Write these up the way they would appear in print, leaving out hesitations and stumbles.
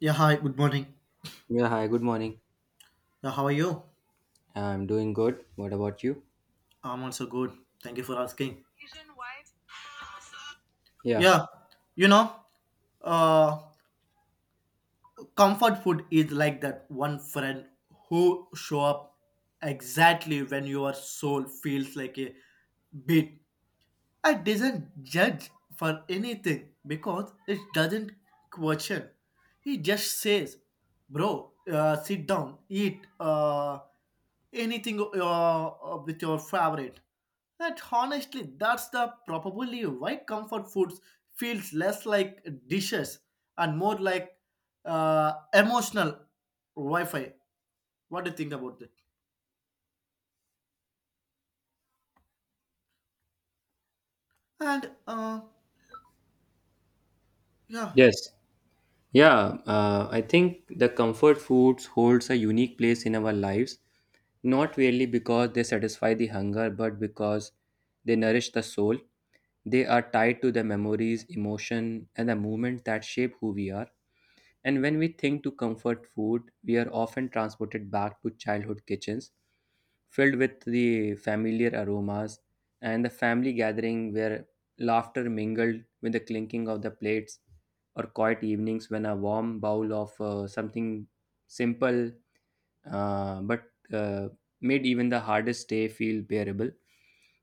Yeah, hi, good morning. Yeah, hi, good morning. Yeah, how are you? I'm doing good. What about you? I'm also good. Thank you for asking. Yeah. Yeah, you know, uh, comfort food is like that one friend who show up exactly when your soul feels like a bit. I doesn't judge for anything because it doesn't question. He just says, "Bro, sit down, eat anything with your favorite." That honestly, that's the probably why comfort foods feels less like dishes and more like emotional Wi-Fi. What do you think about that? And uh, yeah, Yes. Yeah, I think the comfort foods holds a unique place in our lives, not really because they satisfy the hunger, but because they nourish the soul. They are tied to the memories, emotion, and the movement that shape who we are. And when we think to comfort food, we are often transported back to childhood kitchens filled with the familiar aromas and the family gathering where laughter mingled with the clinking of the plates or quiet evenings when a warm bowl of something simple but made even the hardest day feel bearable,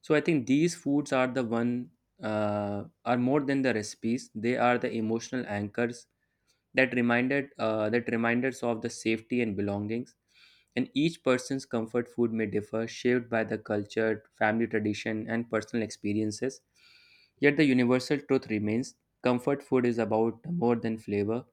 so I think these foods are the one, are more than the recipes. They are the emotional anchors that reminders of the safety and belongings. And each person's comfort food may differ, shaped by the culture, family tradition, and personal experiences. Yet the universal truth remains: comfort food is about more than flavor,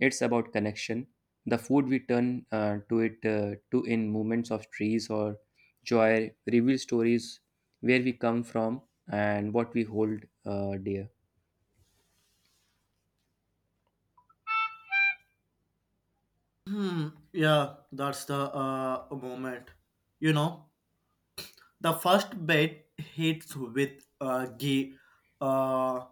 it's about connection. The food we turn to in moments of trees or joy reveals stories where we come from and what we hold dear. Hmm. Yeah, that's the moment. You know, the first bit hits with G. Uh,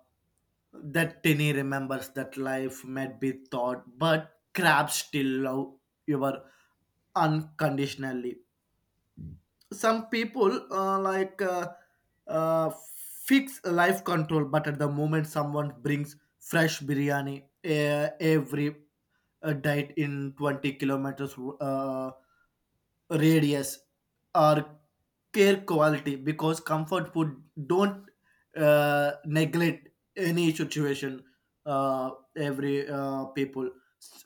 that Tinny remembers that life might be thought, but crabs still love you. Were unconditionally. Some people uh, fix life control, but at the moment someone brings fresh biryani every diet in 20 kilometers radius or care quality because comfort food don't neglect any situation, uh, every people.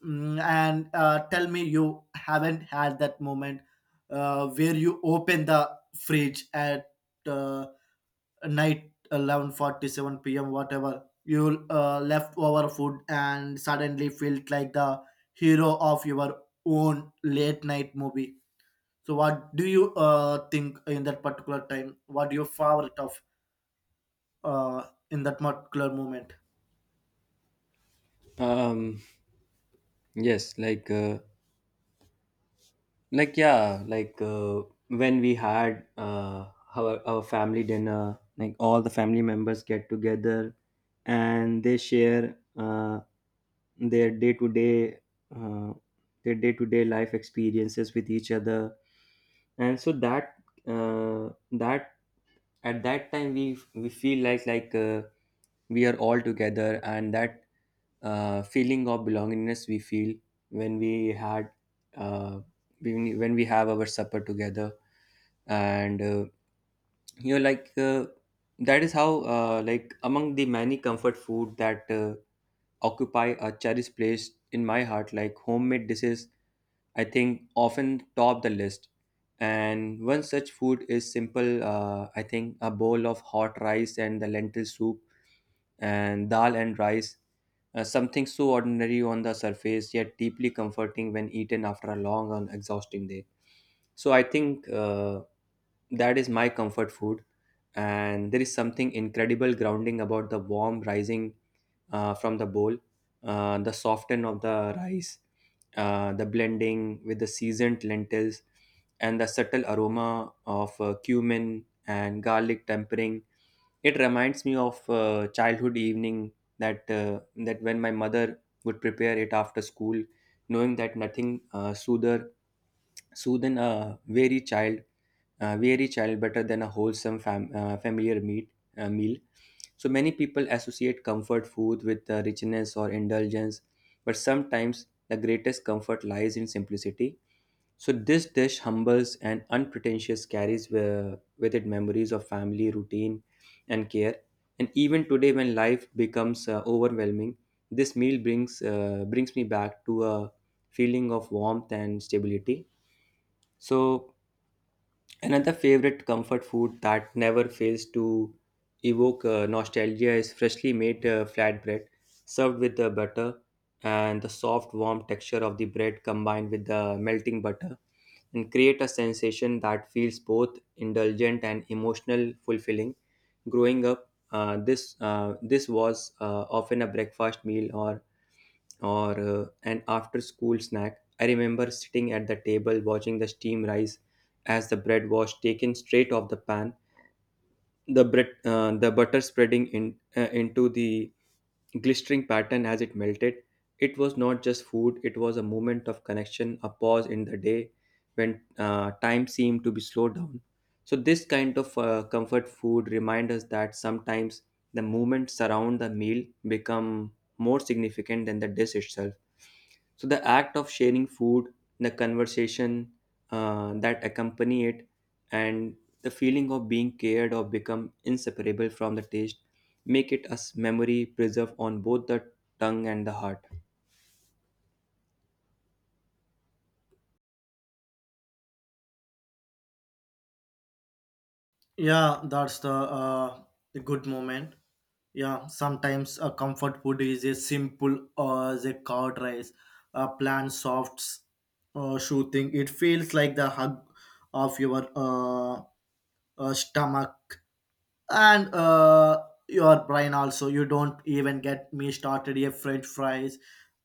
Mm, and tell me you haven't had that moment where you open the fridge at uh, night 11:47 p.m. whatever you leftover food and suddenly felt like the hero of your own late night movie. So, what do you think in that particular time? What your favorite of uh, in that particular moment? um yes, like when we had our family dinner, like all the family members get together and they share their uh, day-to-day life experiences with each other. And so that uh, that at that time we feel like we are all together, and that feeling of belongingness we feel when we had uh, when we have our supper together. And you know like uh, that is how, like among the many comfort food that occupy a cherished place in my heart, like homemade dishes, I think often top the list. And one such food is simple, I think, a bowl of hot rice and the lentil soup and dal and rice, something so ordinary on the surface yet deeply comforting when eaten after a long and exhausting day. So I think that is my comfort food, and there is something incredible grounding about the warm rising from the bowl, the soften of the rice, the blending with the seasoned lentils, and the subtle aroma of cumin and garlic tempering. It reminds me of childhood evening that that when my mother would prepare it after school, knowing that nothing soother soothen a weary child better than a wholesome familiar meal. So many people associate comfort food with richness or indulgence, but sometimes the greatest comfort lies in simplicity. So this dish, humbles and unpretentious, carries with it memories of family routine and care. And even today, when life becomes overwhelming, this meal brings me back to a feeling of warmth and stability. So another favorite comfort food that never fails to evoke nostalgia is freshly made flatbread served with the butter, and the soft warm texture of the bread combined with the melting butter and create a sensation that feels both indulgent and emotional fulfilling. Growing up, this was often a breakfast meal or an after school snack. I remember sitting at the table watching the steam rise as the bread was taken straight off the pan, the bread, the butter spreading in, into the glistering pattern as it melted. It was not just food, it was a moment of connection, a pause in the day when time seemed to be slowed down. So this kind of comfort food reminds us that sometimes the moments around the meal become more significant than the dish itself. So the act of sharing food, the conversation that accompany it, and the feeling of being cared of become inseparable from the taste, make it a memory preserved on both the tongue and the heart. Yeah, that's the good moment. Yeah, sometimes a comfort food is a simple as a curd rice, a plain soft shoe thing. It feels like the hug of your stomach and your brain also. You don't even get me started a french fries.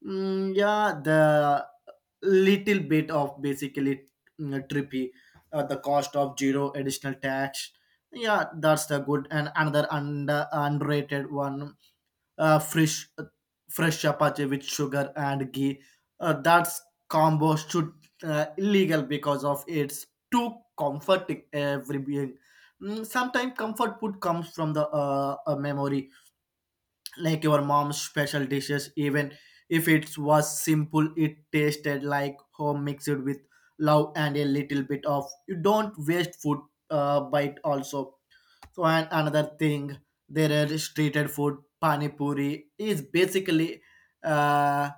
yeah, the little bit of basically trippy at the cost of zero additional tax. Yeah, that's the good. And another underrated one, uh, fresh fresh chapati with sugar and ghee. That combo should illegal because of it's too comforting every being. Mm, sometimes comfort food comes from the a memory, like your mom's special dishes. Even if it was simple, it tasted like home mixed with love and a little bit of. You don't waste food bite also. So and another thing, there are streeted food. Pani puri is basically uh,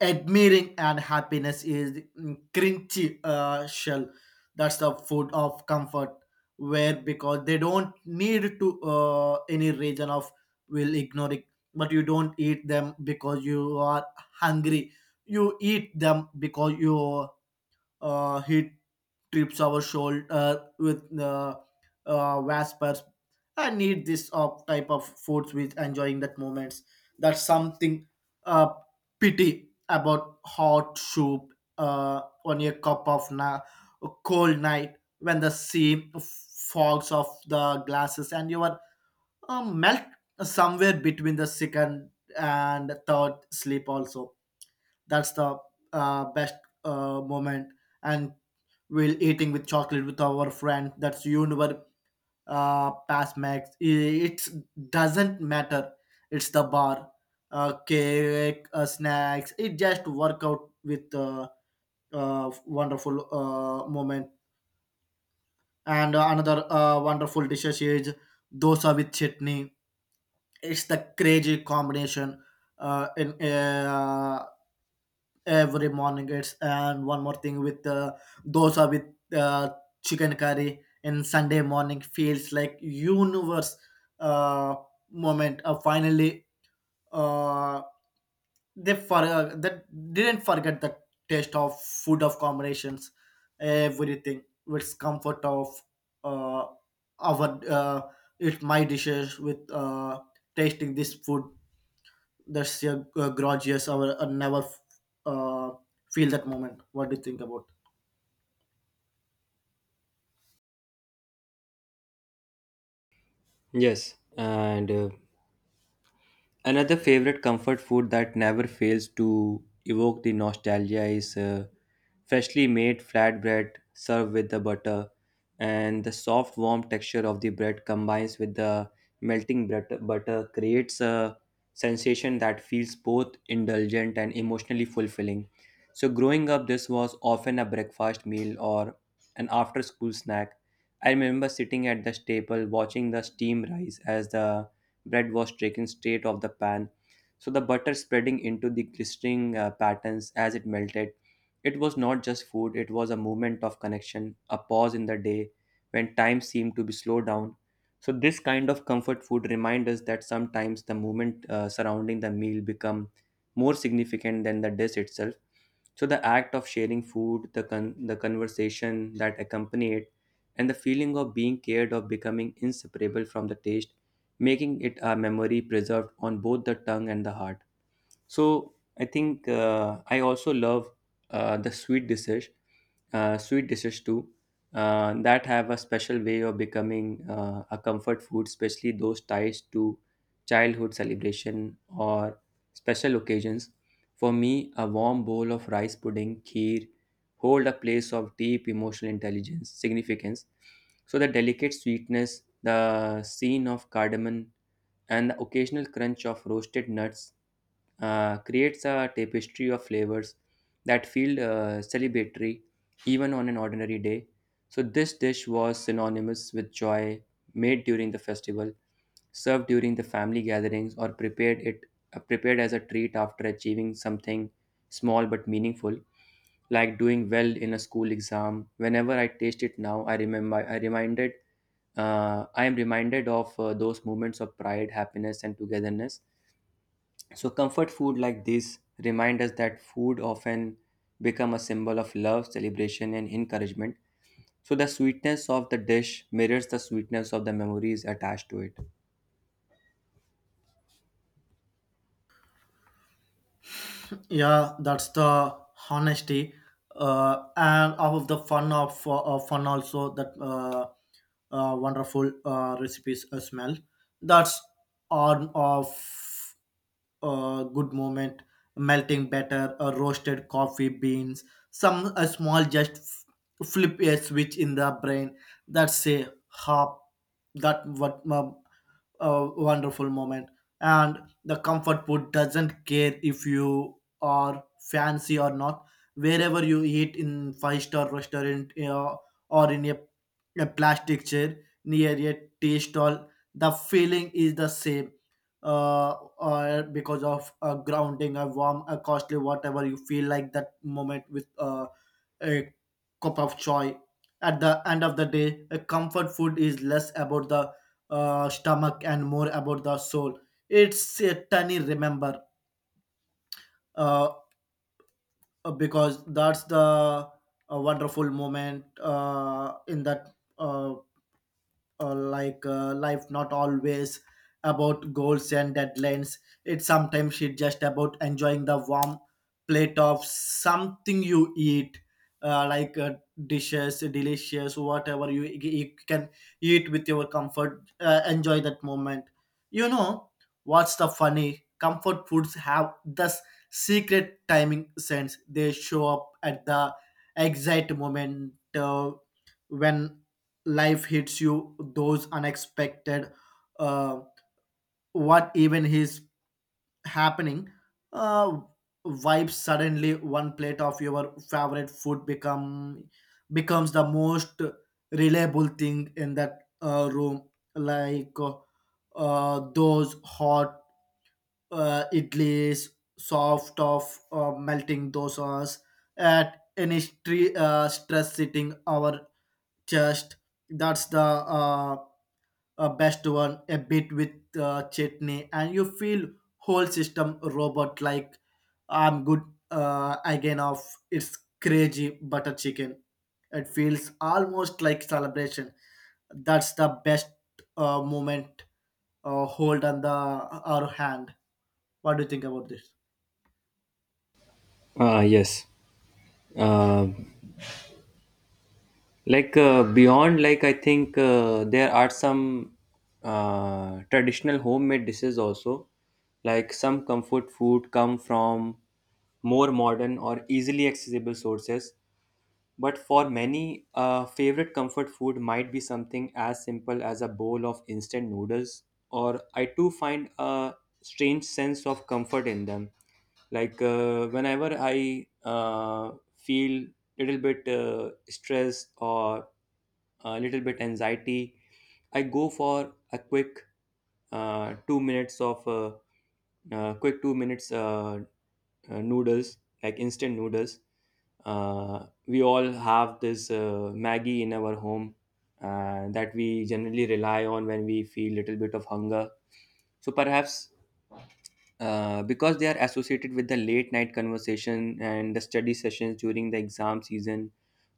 admiring, and happiness is crunchy shell. That's the food of comfort. Where because they don't need to any reason of will ignore it, but you don't eat them because you are hungry. You eat them because you he trips our shoulder with vespers. I need this type of foods with enjoying that moments. That's something uh, pity about hot soup on a cup of cold night when the sea fogs of the glasses and you are melt somewhere between the second and third sleep also. That's the best moment. And we'll eating with chocolate with our friend. That's universe past max. It doesn't matter. It's the bar, cake, snacks. It just work out with wonderful moment. And another wonderful dishes is dosa with chutney. It's the crazy combination in every morning. It's, and one more thing with dosa with chicken curry, and Sunday morning feels like universe uh, moment. Finally, uh, they for that didn't forget the taste of food of combinations, everything with comfort of uh, our it's my dishes with tasting this food. That's your grudge. Yes, I will never uh, feel that moment. What do you think about? Yes, and another favorite comfort food that never fails to evoke the nostalgia is freshly made flatbread served with the butter, and the soft warm texture of the bread combines with the melting butter creates a sensation that feels both indulgent and emotionally fulfilling. So growing up, this was often a breakfast meal or an after school snack. I remember sitting at the table watching the steam rise as the bread was taken straight off the pan, so the butter spreading into the glistening patterns as it melted. It was not just food, it was a moment of connection, a pause in the day when time seemed to be slowed down. So this kind of comfort food reminds us that sometimes the moment surrounding the meal become more significant than the dish itself. So the act of sharing food, the conversation that accompany it, and the feeling of being cared of becoming inseparable from the taste, making it a memory preserved on both the tongue and the heart. So I think, I also love the sweet dishes too, that have a special way of becoming a comfort food, especially those ties to childhood celebration or special occasions. For me, a warm bowl of rice pudding, kheer, hold a place of deep emotional intelligence, significance. So the delicate sweetness, the scene of cardamom, and the occasional crunch of roasted nuts creates a tapestry of flavors that feel celebratory even on an ordinary day. So this dish was synonymous with joy, made during the festival, served during the family gatherings, or prepared as a treat after achieving something small but meaningful, like doing well in a school exam. Whenever I taste it now, I am reminded of those moments of pride, happiness, and togetherness. So comfort food like this remind us that food often become a symbol of love, celebration, and encouragement. So the sweetness of the dish mirrors the sweetness of the memories attached to it. Yeah, that's the honesty and all of the fun of fun also, that wonderful recipes smell. That's on of good moment, melting batter, roasted coffee beans, some a small just flip a switch in the brain that say hop. That what a wonderful moment. And the comfort food doesn't care if you are fancy or not. Wherever you eat in five-star restaurant, or in a plastic chair near a tea stall, the feeling is the same. Uh, or because of a grounding, a warm, a costly, whatever you feel like that moment with a cup of joy. At the end of the day, a comfort food is less about the stomach and more about the soul. It's a tiny remember, uh, because that's the a wonderful moment in that uh, like life not always about goals and deadlines. It's sometimes it's just about enjoying the warm plate of something you eat, uh, like uh, dishes delicious, whatever you, you can eat with your comfort, enjoy that moment. You know what's the funny, comfort foods have this secret timing sense. They show up at the exact moment when life hits you, those unexpected uh, what even is happening uh, vibes. Suddenly one plate of your favorite food becomes the most reliable thing in that room. Like those hot idlis, soft of melting dosas at any stress sitting our chest. That's the best one, a bit with chutney, and you feel whole system robot like I'm good again of. It's crazy butter chicken. It feels almost like celebration. That's the best moment hold on the our hand. What do you think about this? Ah, yes. Uh, Like beyond, like I think there are some traditional homemade dishes also, like some comfort food come from more modern or easily accessible sources. But for many, a favorite comfort food might be something as simple as a bowl of instant noodles, or I too find a strange sense of comfort in them. Like whenever I feel little bit stressed or a little bit anxiety, I go for a quick 2 minutes of quick 2 minutes noodles, like instant noodles. We all have this Maggie in our home that we generally rely on when we feel little bit of hunger. So perhaps because they are associated with the late night conversation and the study sessions during the exam season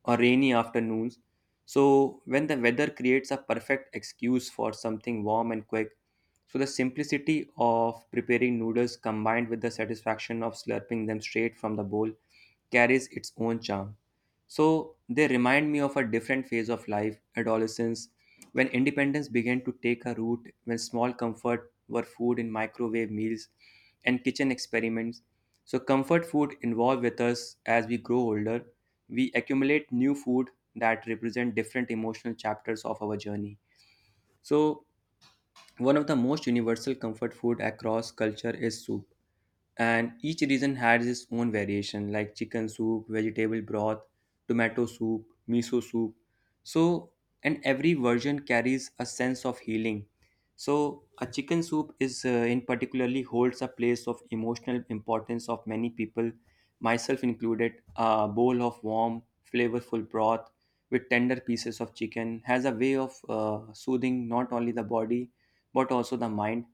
or rainy afternoons. So when the weather creates a perfect excuse for something warm and quick, so the simplicity of preparing noodles combined with the satisfaction of slurping them straight from the bowl carries its own charm. So they remind me of a different phase of life, adolescence, when independence began to take a root, when small comfort were food in microwave meals and kitchen experiments. So comfort food evolve with us as we grow older. We accumulate new food that represent different emotional chapters of our journey. So one of the most universal comfort food across culture is soup, and each region has its own variation, like chicken soup, vegetable broth, tomato soup, miso soup. So, and every version carries a sense of healing. So a chicken soup is, in particularly, holds a place of emotional importance of many people, myself included. A bowl of warm, flavorful broth with tender pieces of chicken has a way of soothing not only the body but also the mind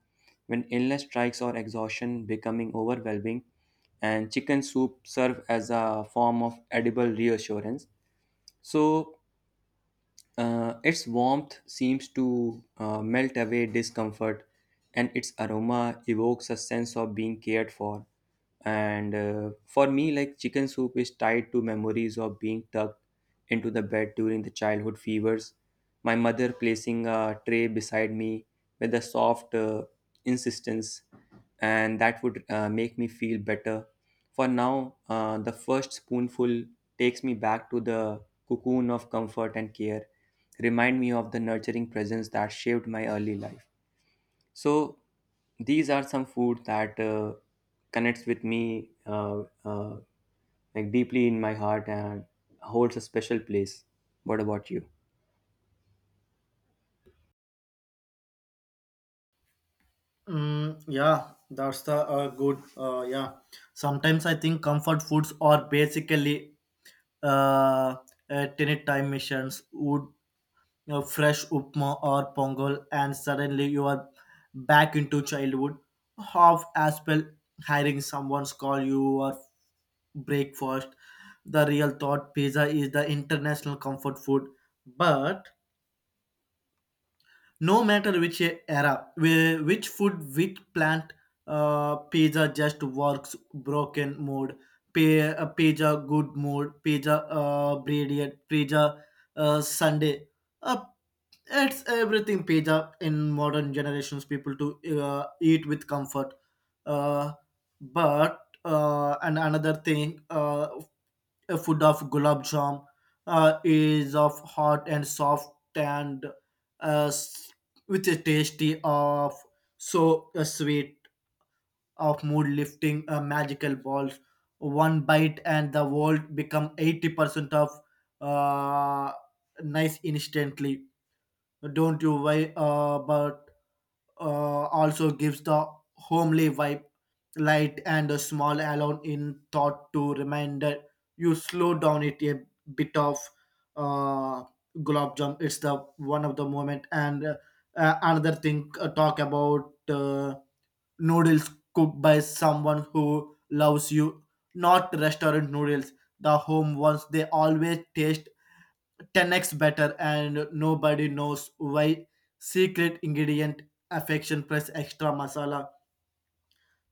when illness strikes or exhaustion becoming overwhelming, and chicken soup serve as a form of edible reassurance. So its warmth seems to melt away discomfort, and its aroma evokes a sense of being cared for. And for me, like chicken soup is tied to memories of being tucked into the bed during the childhood fevers. My mother placing a tray beside me with a soft insistence, and that would make me feel better. For now, the first spoonful takes me back to the cocoon of comfort and care, remind me of the nurturing presence that shaped my early life. So these are some food that connects with me, like deeply in my heart, and holds a special place. What about you? Mm, yeah, that's the good. Yeah, sometimes I think comfort foods are basically uh, tenet time missions, wood, you know, fresh upma or pongal, and suddenly you are back into childhood. Half as well hiring someone's call you or breakfast. The real thought pizza is the international comfort food, but no matter which era which food, which plant, pizza just works broken mood. Pizza good mood, pizza brilliant pizza, Sunday, uh, it's everything pizza. In modern generations, people to eat with comfort, uh, but and another thing, a food of gulab jam, is of hot and soft, and uh, s- with a tasty of so sweet of mood lifting magical balls. One bite and the world become 80% of uh, nice instantly. Don't you worry about also gives the homely vibe, light and a small alone in thought to reminder you slow down it a bit of uh, glob jump. It's the one of the moment, and another thing, talk about noodles cooked by someone who loves you, not restaurant noodles. The home ones they always taste 10X better, and nobody knows why. Secret ingredient, affection plus extra masala.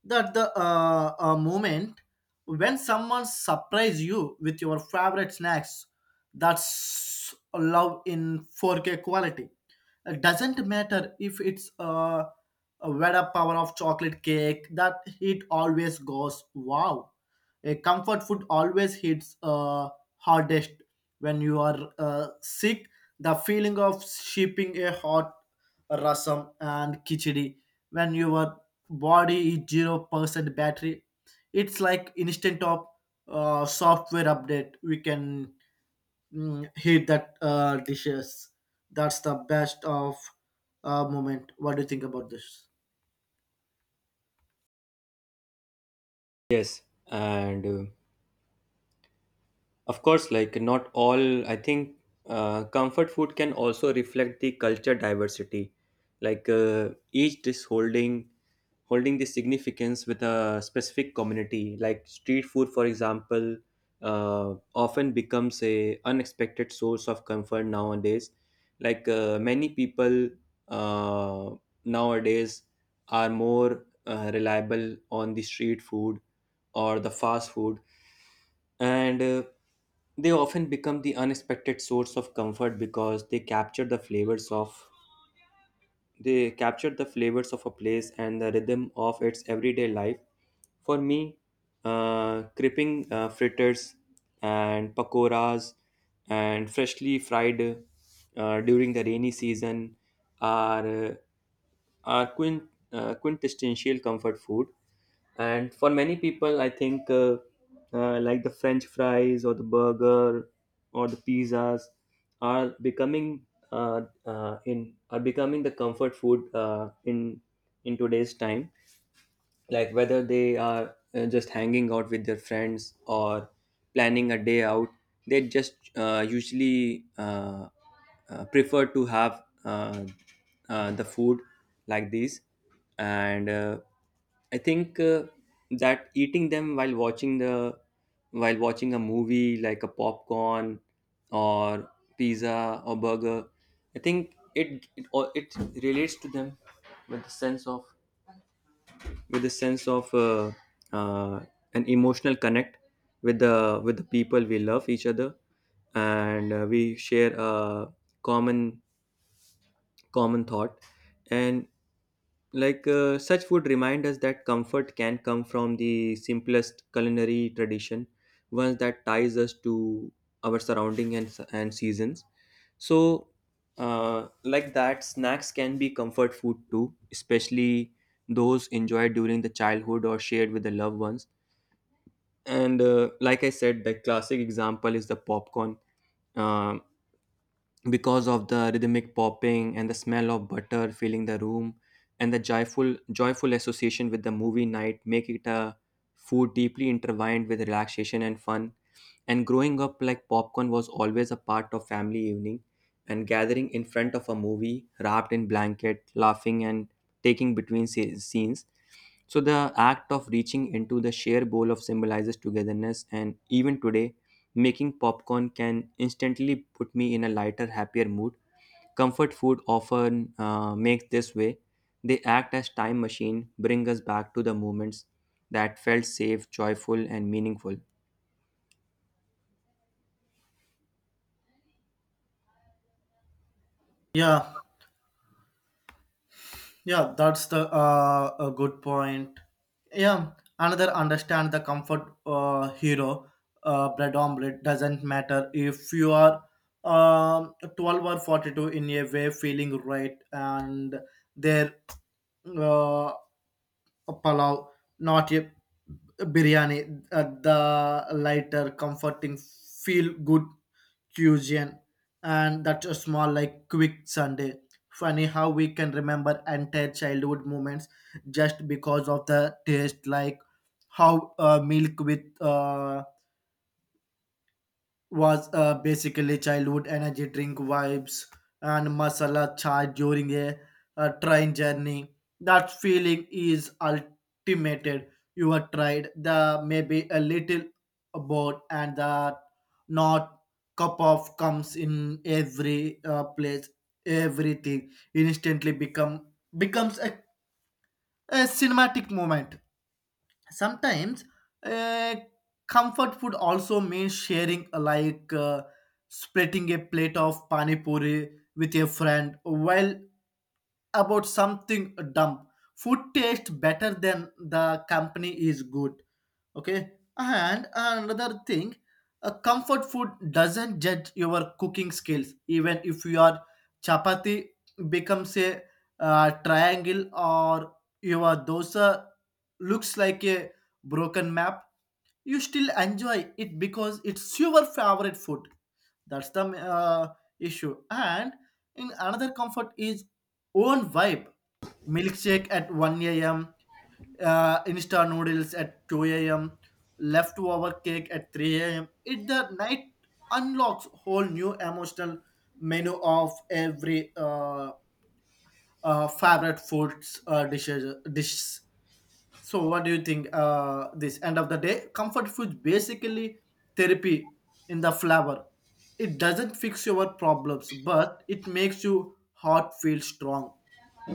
That the moment when someone surprise you with your favorite snacks, that's love in 4K quality. It doesn't matter if it's a vada power of chocolate cake, that it always goes wow. A comfort food always hits hardest when you are sick. The feeling of shipping a hot rasam and khichdi when you were body is 0% battery, it's like instant of software update we can, hit that dishes. That's the best of moment. What do you think about this? Yes, and of course, like not all, I think comfort food can also reflect the culture diversity. Like each dish holding the significance with a specific community. Like street food, for example, often becomes a unexpected source of comfort nowadays. Like many people, uh, nowadays are more reliable on the street food or the fast food, and they often become the unexpected source of comfort because they capture the flavors of a place and the rhythm of its everyday life. For me, cripping fritters and pakoras and freshly fried during the rainy season are are quintessential comfort food. And for many people, I think like the French fries or the burger or the pizzas are becoming in are becoming the comfort food in today's time, like whether they are just hanging out with their friends or planning a day out, they just usually prefer to have the food like these. And I think that eating them while watching a movie, like a popcorn or pizza or burger, I think it relates to them with the sense of with a sense of uh, an emotional connect with the people we love each other, and we share a common common thought. And like, such food remind us that comfort can come from the simplest culinary tradition, ones that ties us to our surrounding and seasons. So like that, snacks can be comfort food too, especially those enjoyed during the childhood or shared with the loved ones. And like I said, the classic example is the popcorn, um, because of the rhythmic popping and the smell of butter filling the room, and the joyful association with the movie night make it a food deeply intertwined with relaxation and fun. And growing up, like, popcorn was always a part of family evening and gathering in front of a movie, wrapped in blanket, laughing and taking between scenes. So the act of reaching into the share bowl of symbolizes togetherness, and even today, making popcorn can instantly put me in a lighter, happier mood. Comfort food often makes this way. They act as time machine, bring us back to the moments that felt safe, joyful, and meaningful. Yeah, yeah, that's the a good point. Yeah, another understand the comfort hero bread omelette. Doesn't matter if you are 12 or 42, in a way feeling right. And their uh, palau, not a biryani, the lighter, comforting, feel good cuisine, and that's a small like quick Sunday. Funny how we can remember entire childhood moments just because of the taste, like how milk with was basically childhood energy drink vibes, and masala chai during a train journey. That feeling is ultimated. You are tried the maybe a little about, and the not cup of comes in every place. Everything instantly becomes a cinematic moment sometimes. uh, comfort food also means sharing, splitting a plate of pani puri with a friend while about something dumb. Food tastes better than the company is good, okay. And another thing, a comfort food doesn't judge your cooking skills, even if your chapati becomes a triangle, or your dosa looks like a broken map, you still enjoy it because it's your favorite food. That's the uh, issue. And in another comfort is own vibe: milkshake at 1 a.m, Insta noodles at 2 a.m., leftover cake at 3 a.m. It the night unlocks whole new emotional menu of every favorite foods, dishes dishes. So, what do you think? This end of the day, comfort food basically therapy in the flower. It doesn't fix your problems, but it makes you heart feel strong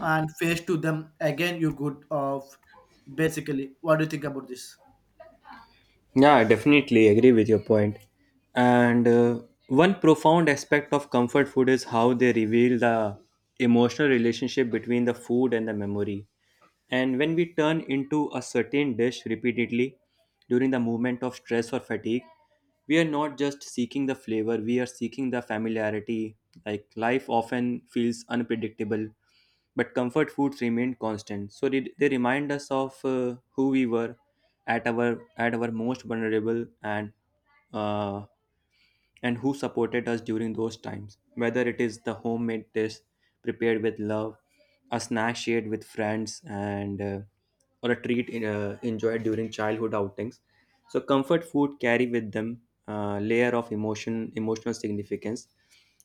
and face to them again. You good of basically. What do you think about this? Yeah, I definitely agree with your point. And one profound aspect of comfort food is how they reveal the emotional relationship between the food and the memory. And when we turn into a certain dish repeatedly during the moment of stress or fatigue, we are not just seeking the flavor, we are seeking the familiarity. Like, life often feels unpredictable, but comfort foods remained constant. So did they remind us of who we were at our most vulnerable, uh, and who supported us during those times. Whether it is the homemade dish prepared with love, a snack shared with friends, and or a treat in, enjoyed during childhood outings. So comfort food carry with them a layer of emotion, emotional significance.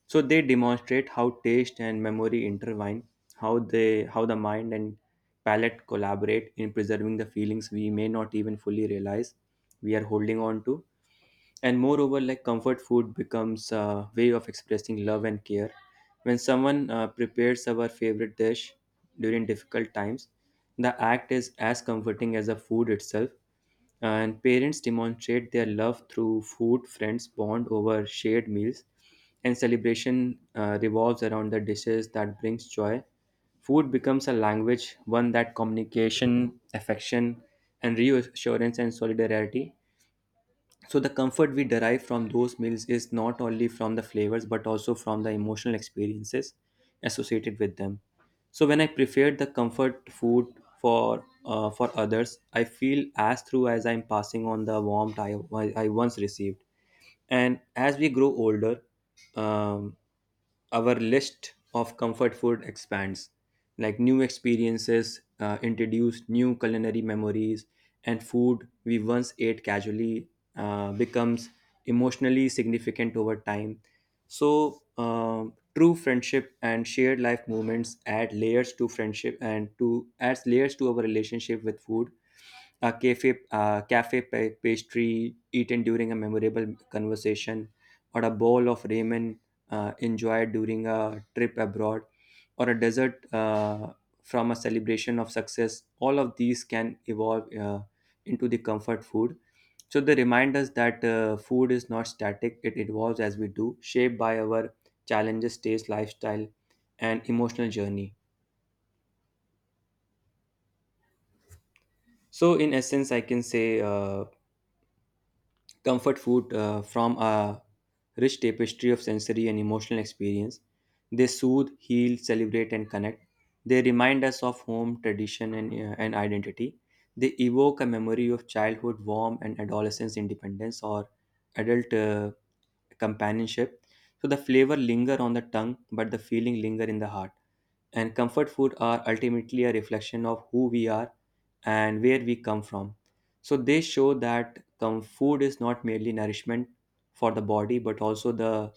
So they demonstrate how taste and memory intertwine, how the mind and palate collaborate in preserving the feelings we may not even fully realize we are holding on to. And moreover, like, comfort food becomes a way of expressing love and care. When someone prepares our favorite dish during difficult times, the act is as comforting as the food itself. And parents demonstrate their love through food, friends bond over shared meals, and celebration revolves around the dishes that brings joy. Food becomes a language, one that communication affection and reassurance and solidarity. So the comfort we derive from those meals is not only from the flavors but also from the emotional experiences associated with them. So when I prepared the comfort food for others, I feel as through as I'm passing on the warmth I once received. And as we grow older, um, our list of comfort food expands. Like, new experiences introduce new culinary memories, and food we once ate casually becomes emotionally significant over time. So true friendship and shared life moments add layers to friendship and to adds layers to our relationship with food. A cafe, pastry eaten during a memorable conversation, or a bowl of ramen enjoyed during a trip abroad, or a dessert from a celebration of success, all of these can evolve into the comfort food. So they remind us that food is not static, it evolves as we do, shaped by our challenges, taste, lifestyle, and emotional journey. So in essence, I can say, comfort food from a rich tapestry of sensory and emotional experience. They soothe, heal, celebrate, and connect. They remind us of home, tradition, and identity. They evoke a memory of childhood warmth and adolescence independence, or adult companionship. So the flavor linger on the tongue, but the feeling linger in the heart. And comfort food are ultimately a reflection of who we are and where we come from. So they show that the food is not merely nourishment for the body, but also the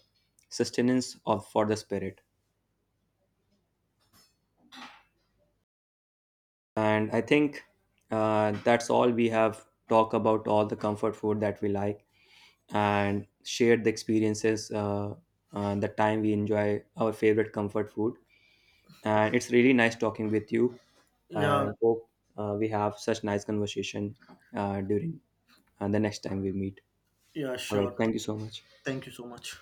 sustenance of for the spirit. And I think that's all. We have talked about all the comfort food that we like and shared the experiences, the time we enjoy our favorite comfort food. And it's really nice talking with you. Yeah, And hope we have such nice conversation during the next time we meet. yeah, All right, sure. thank you so much. Thank you so much.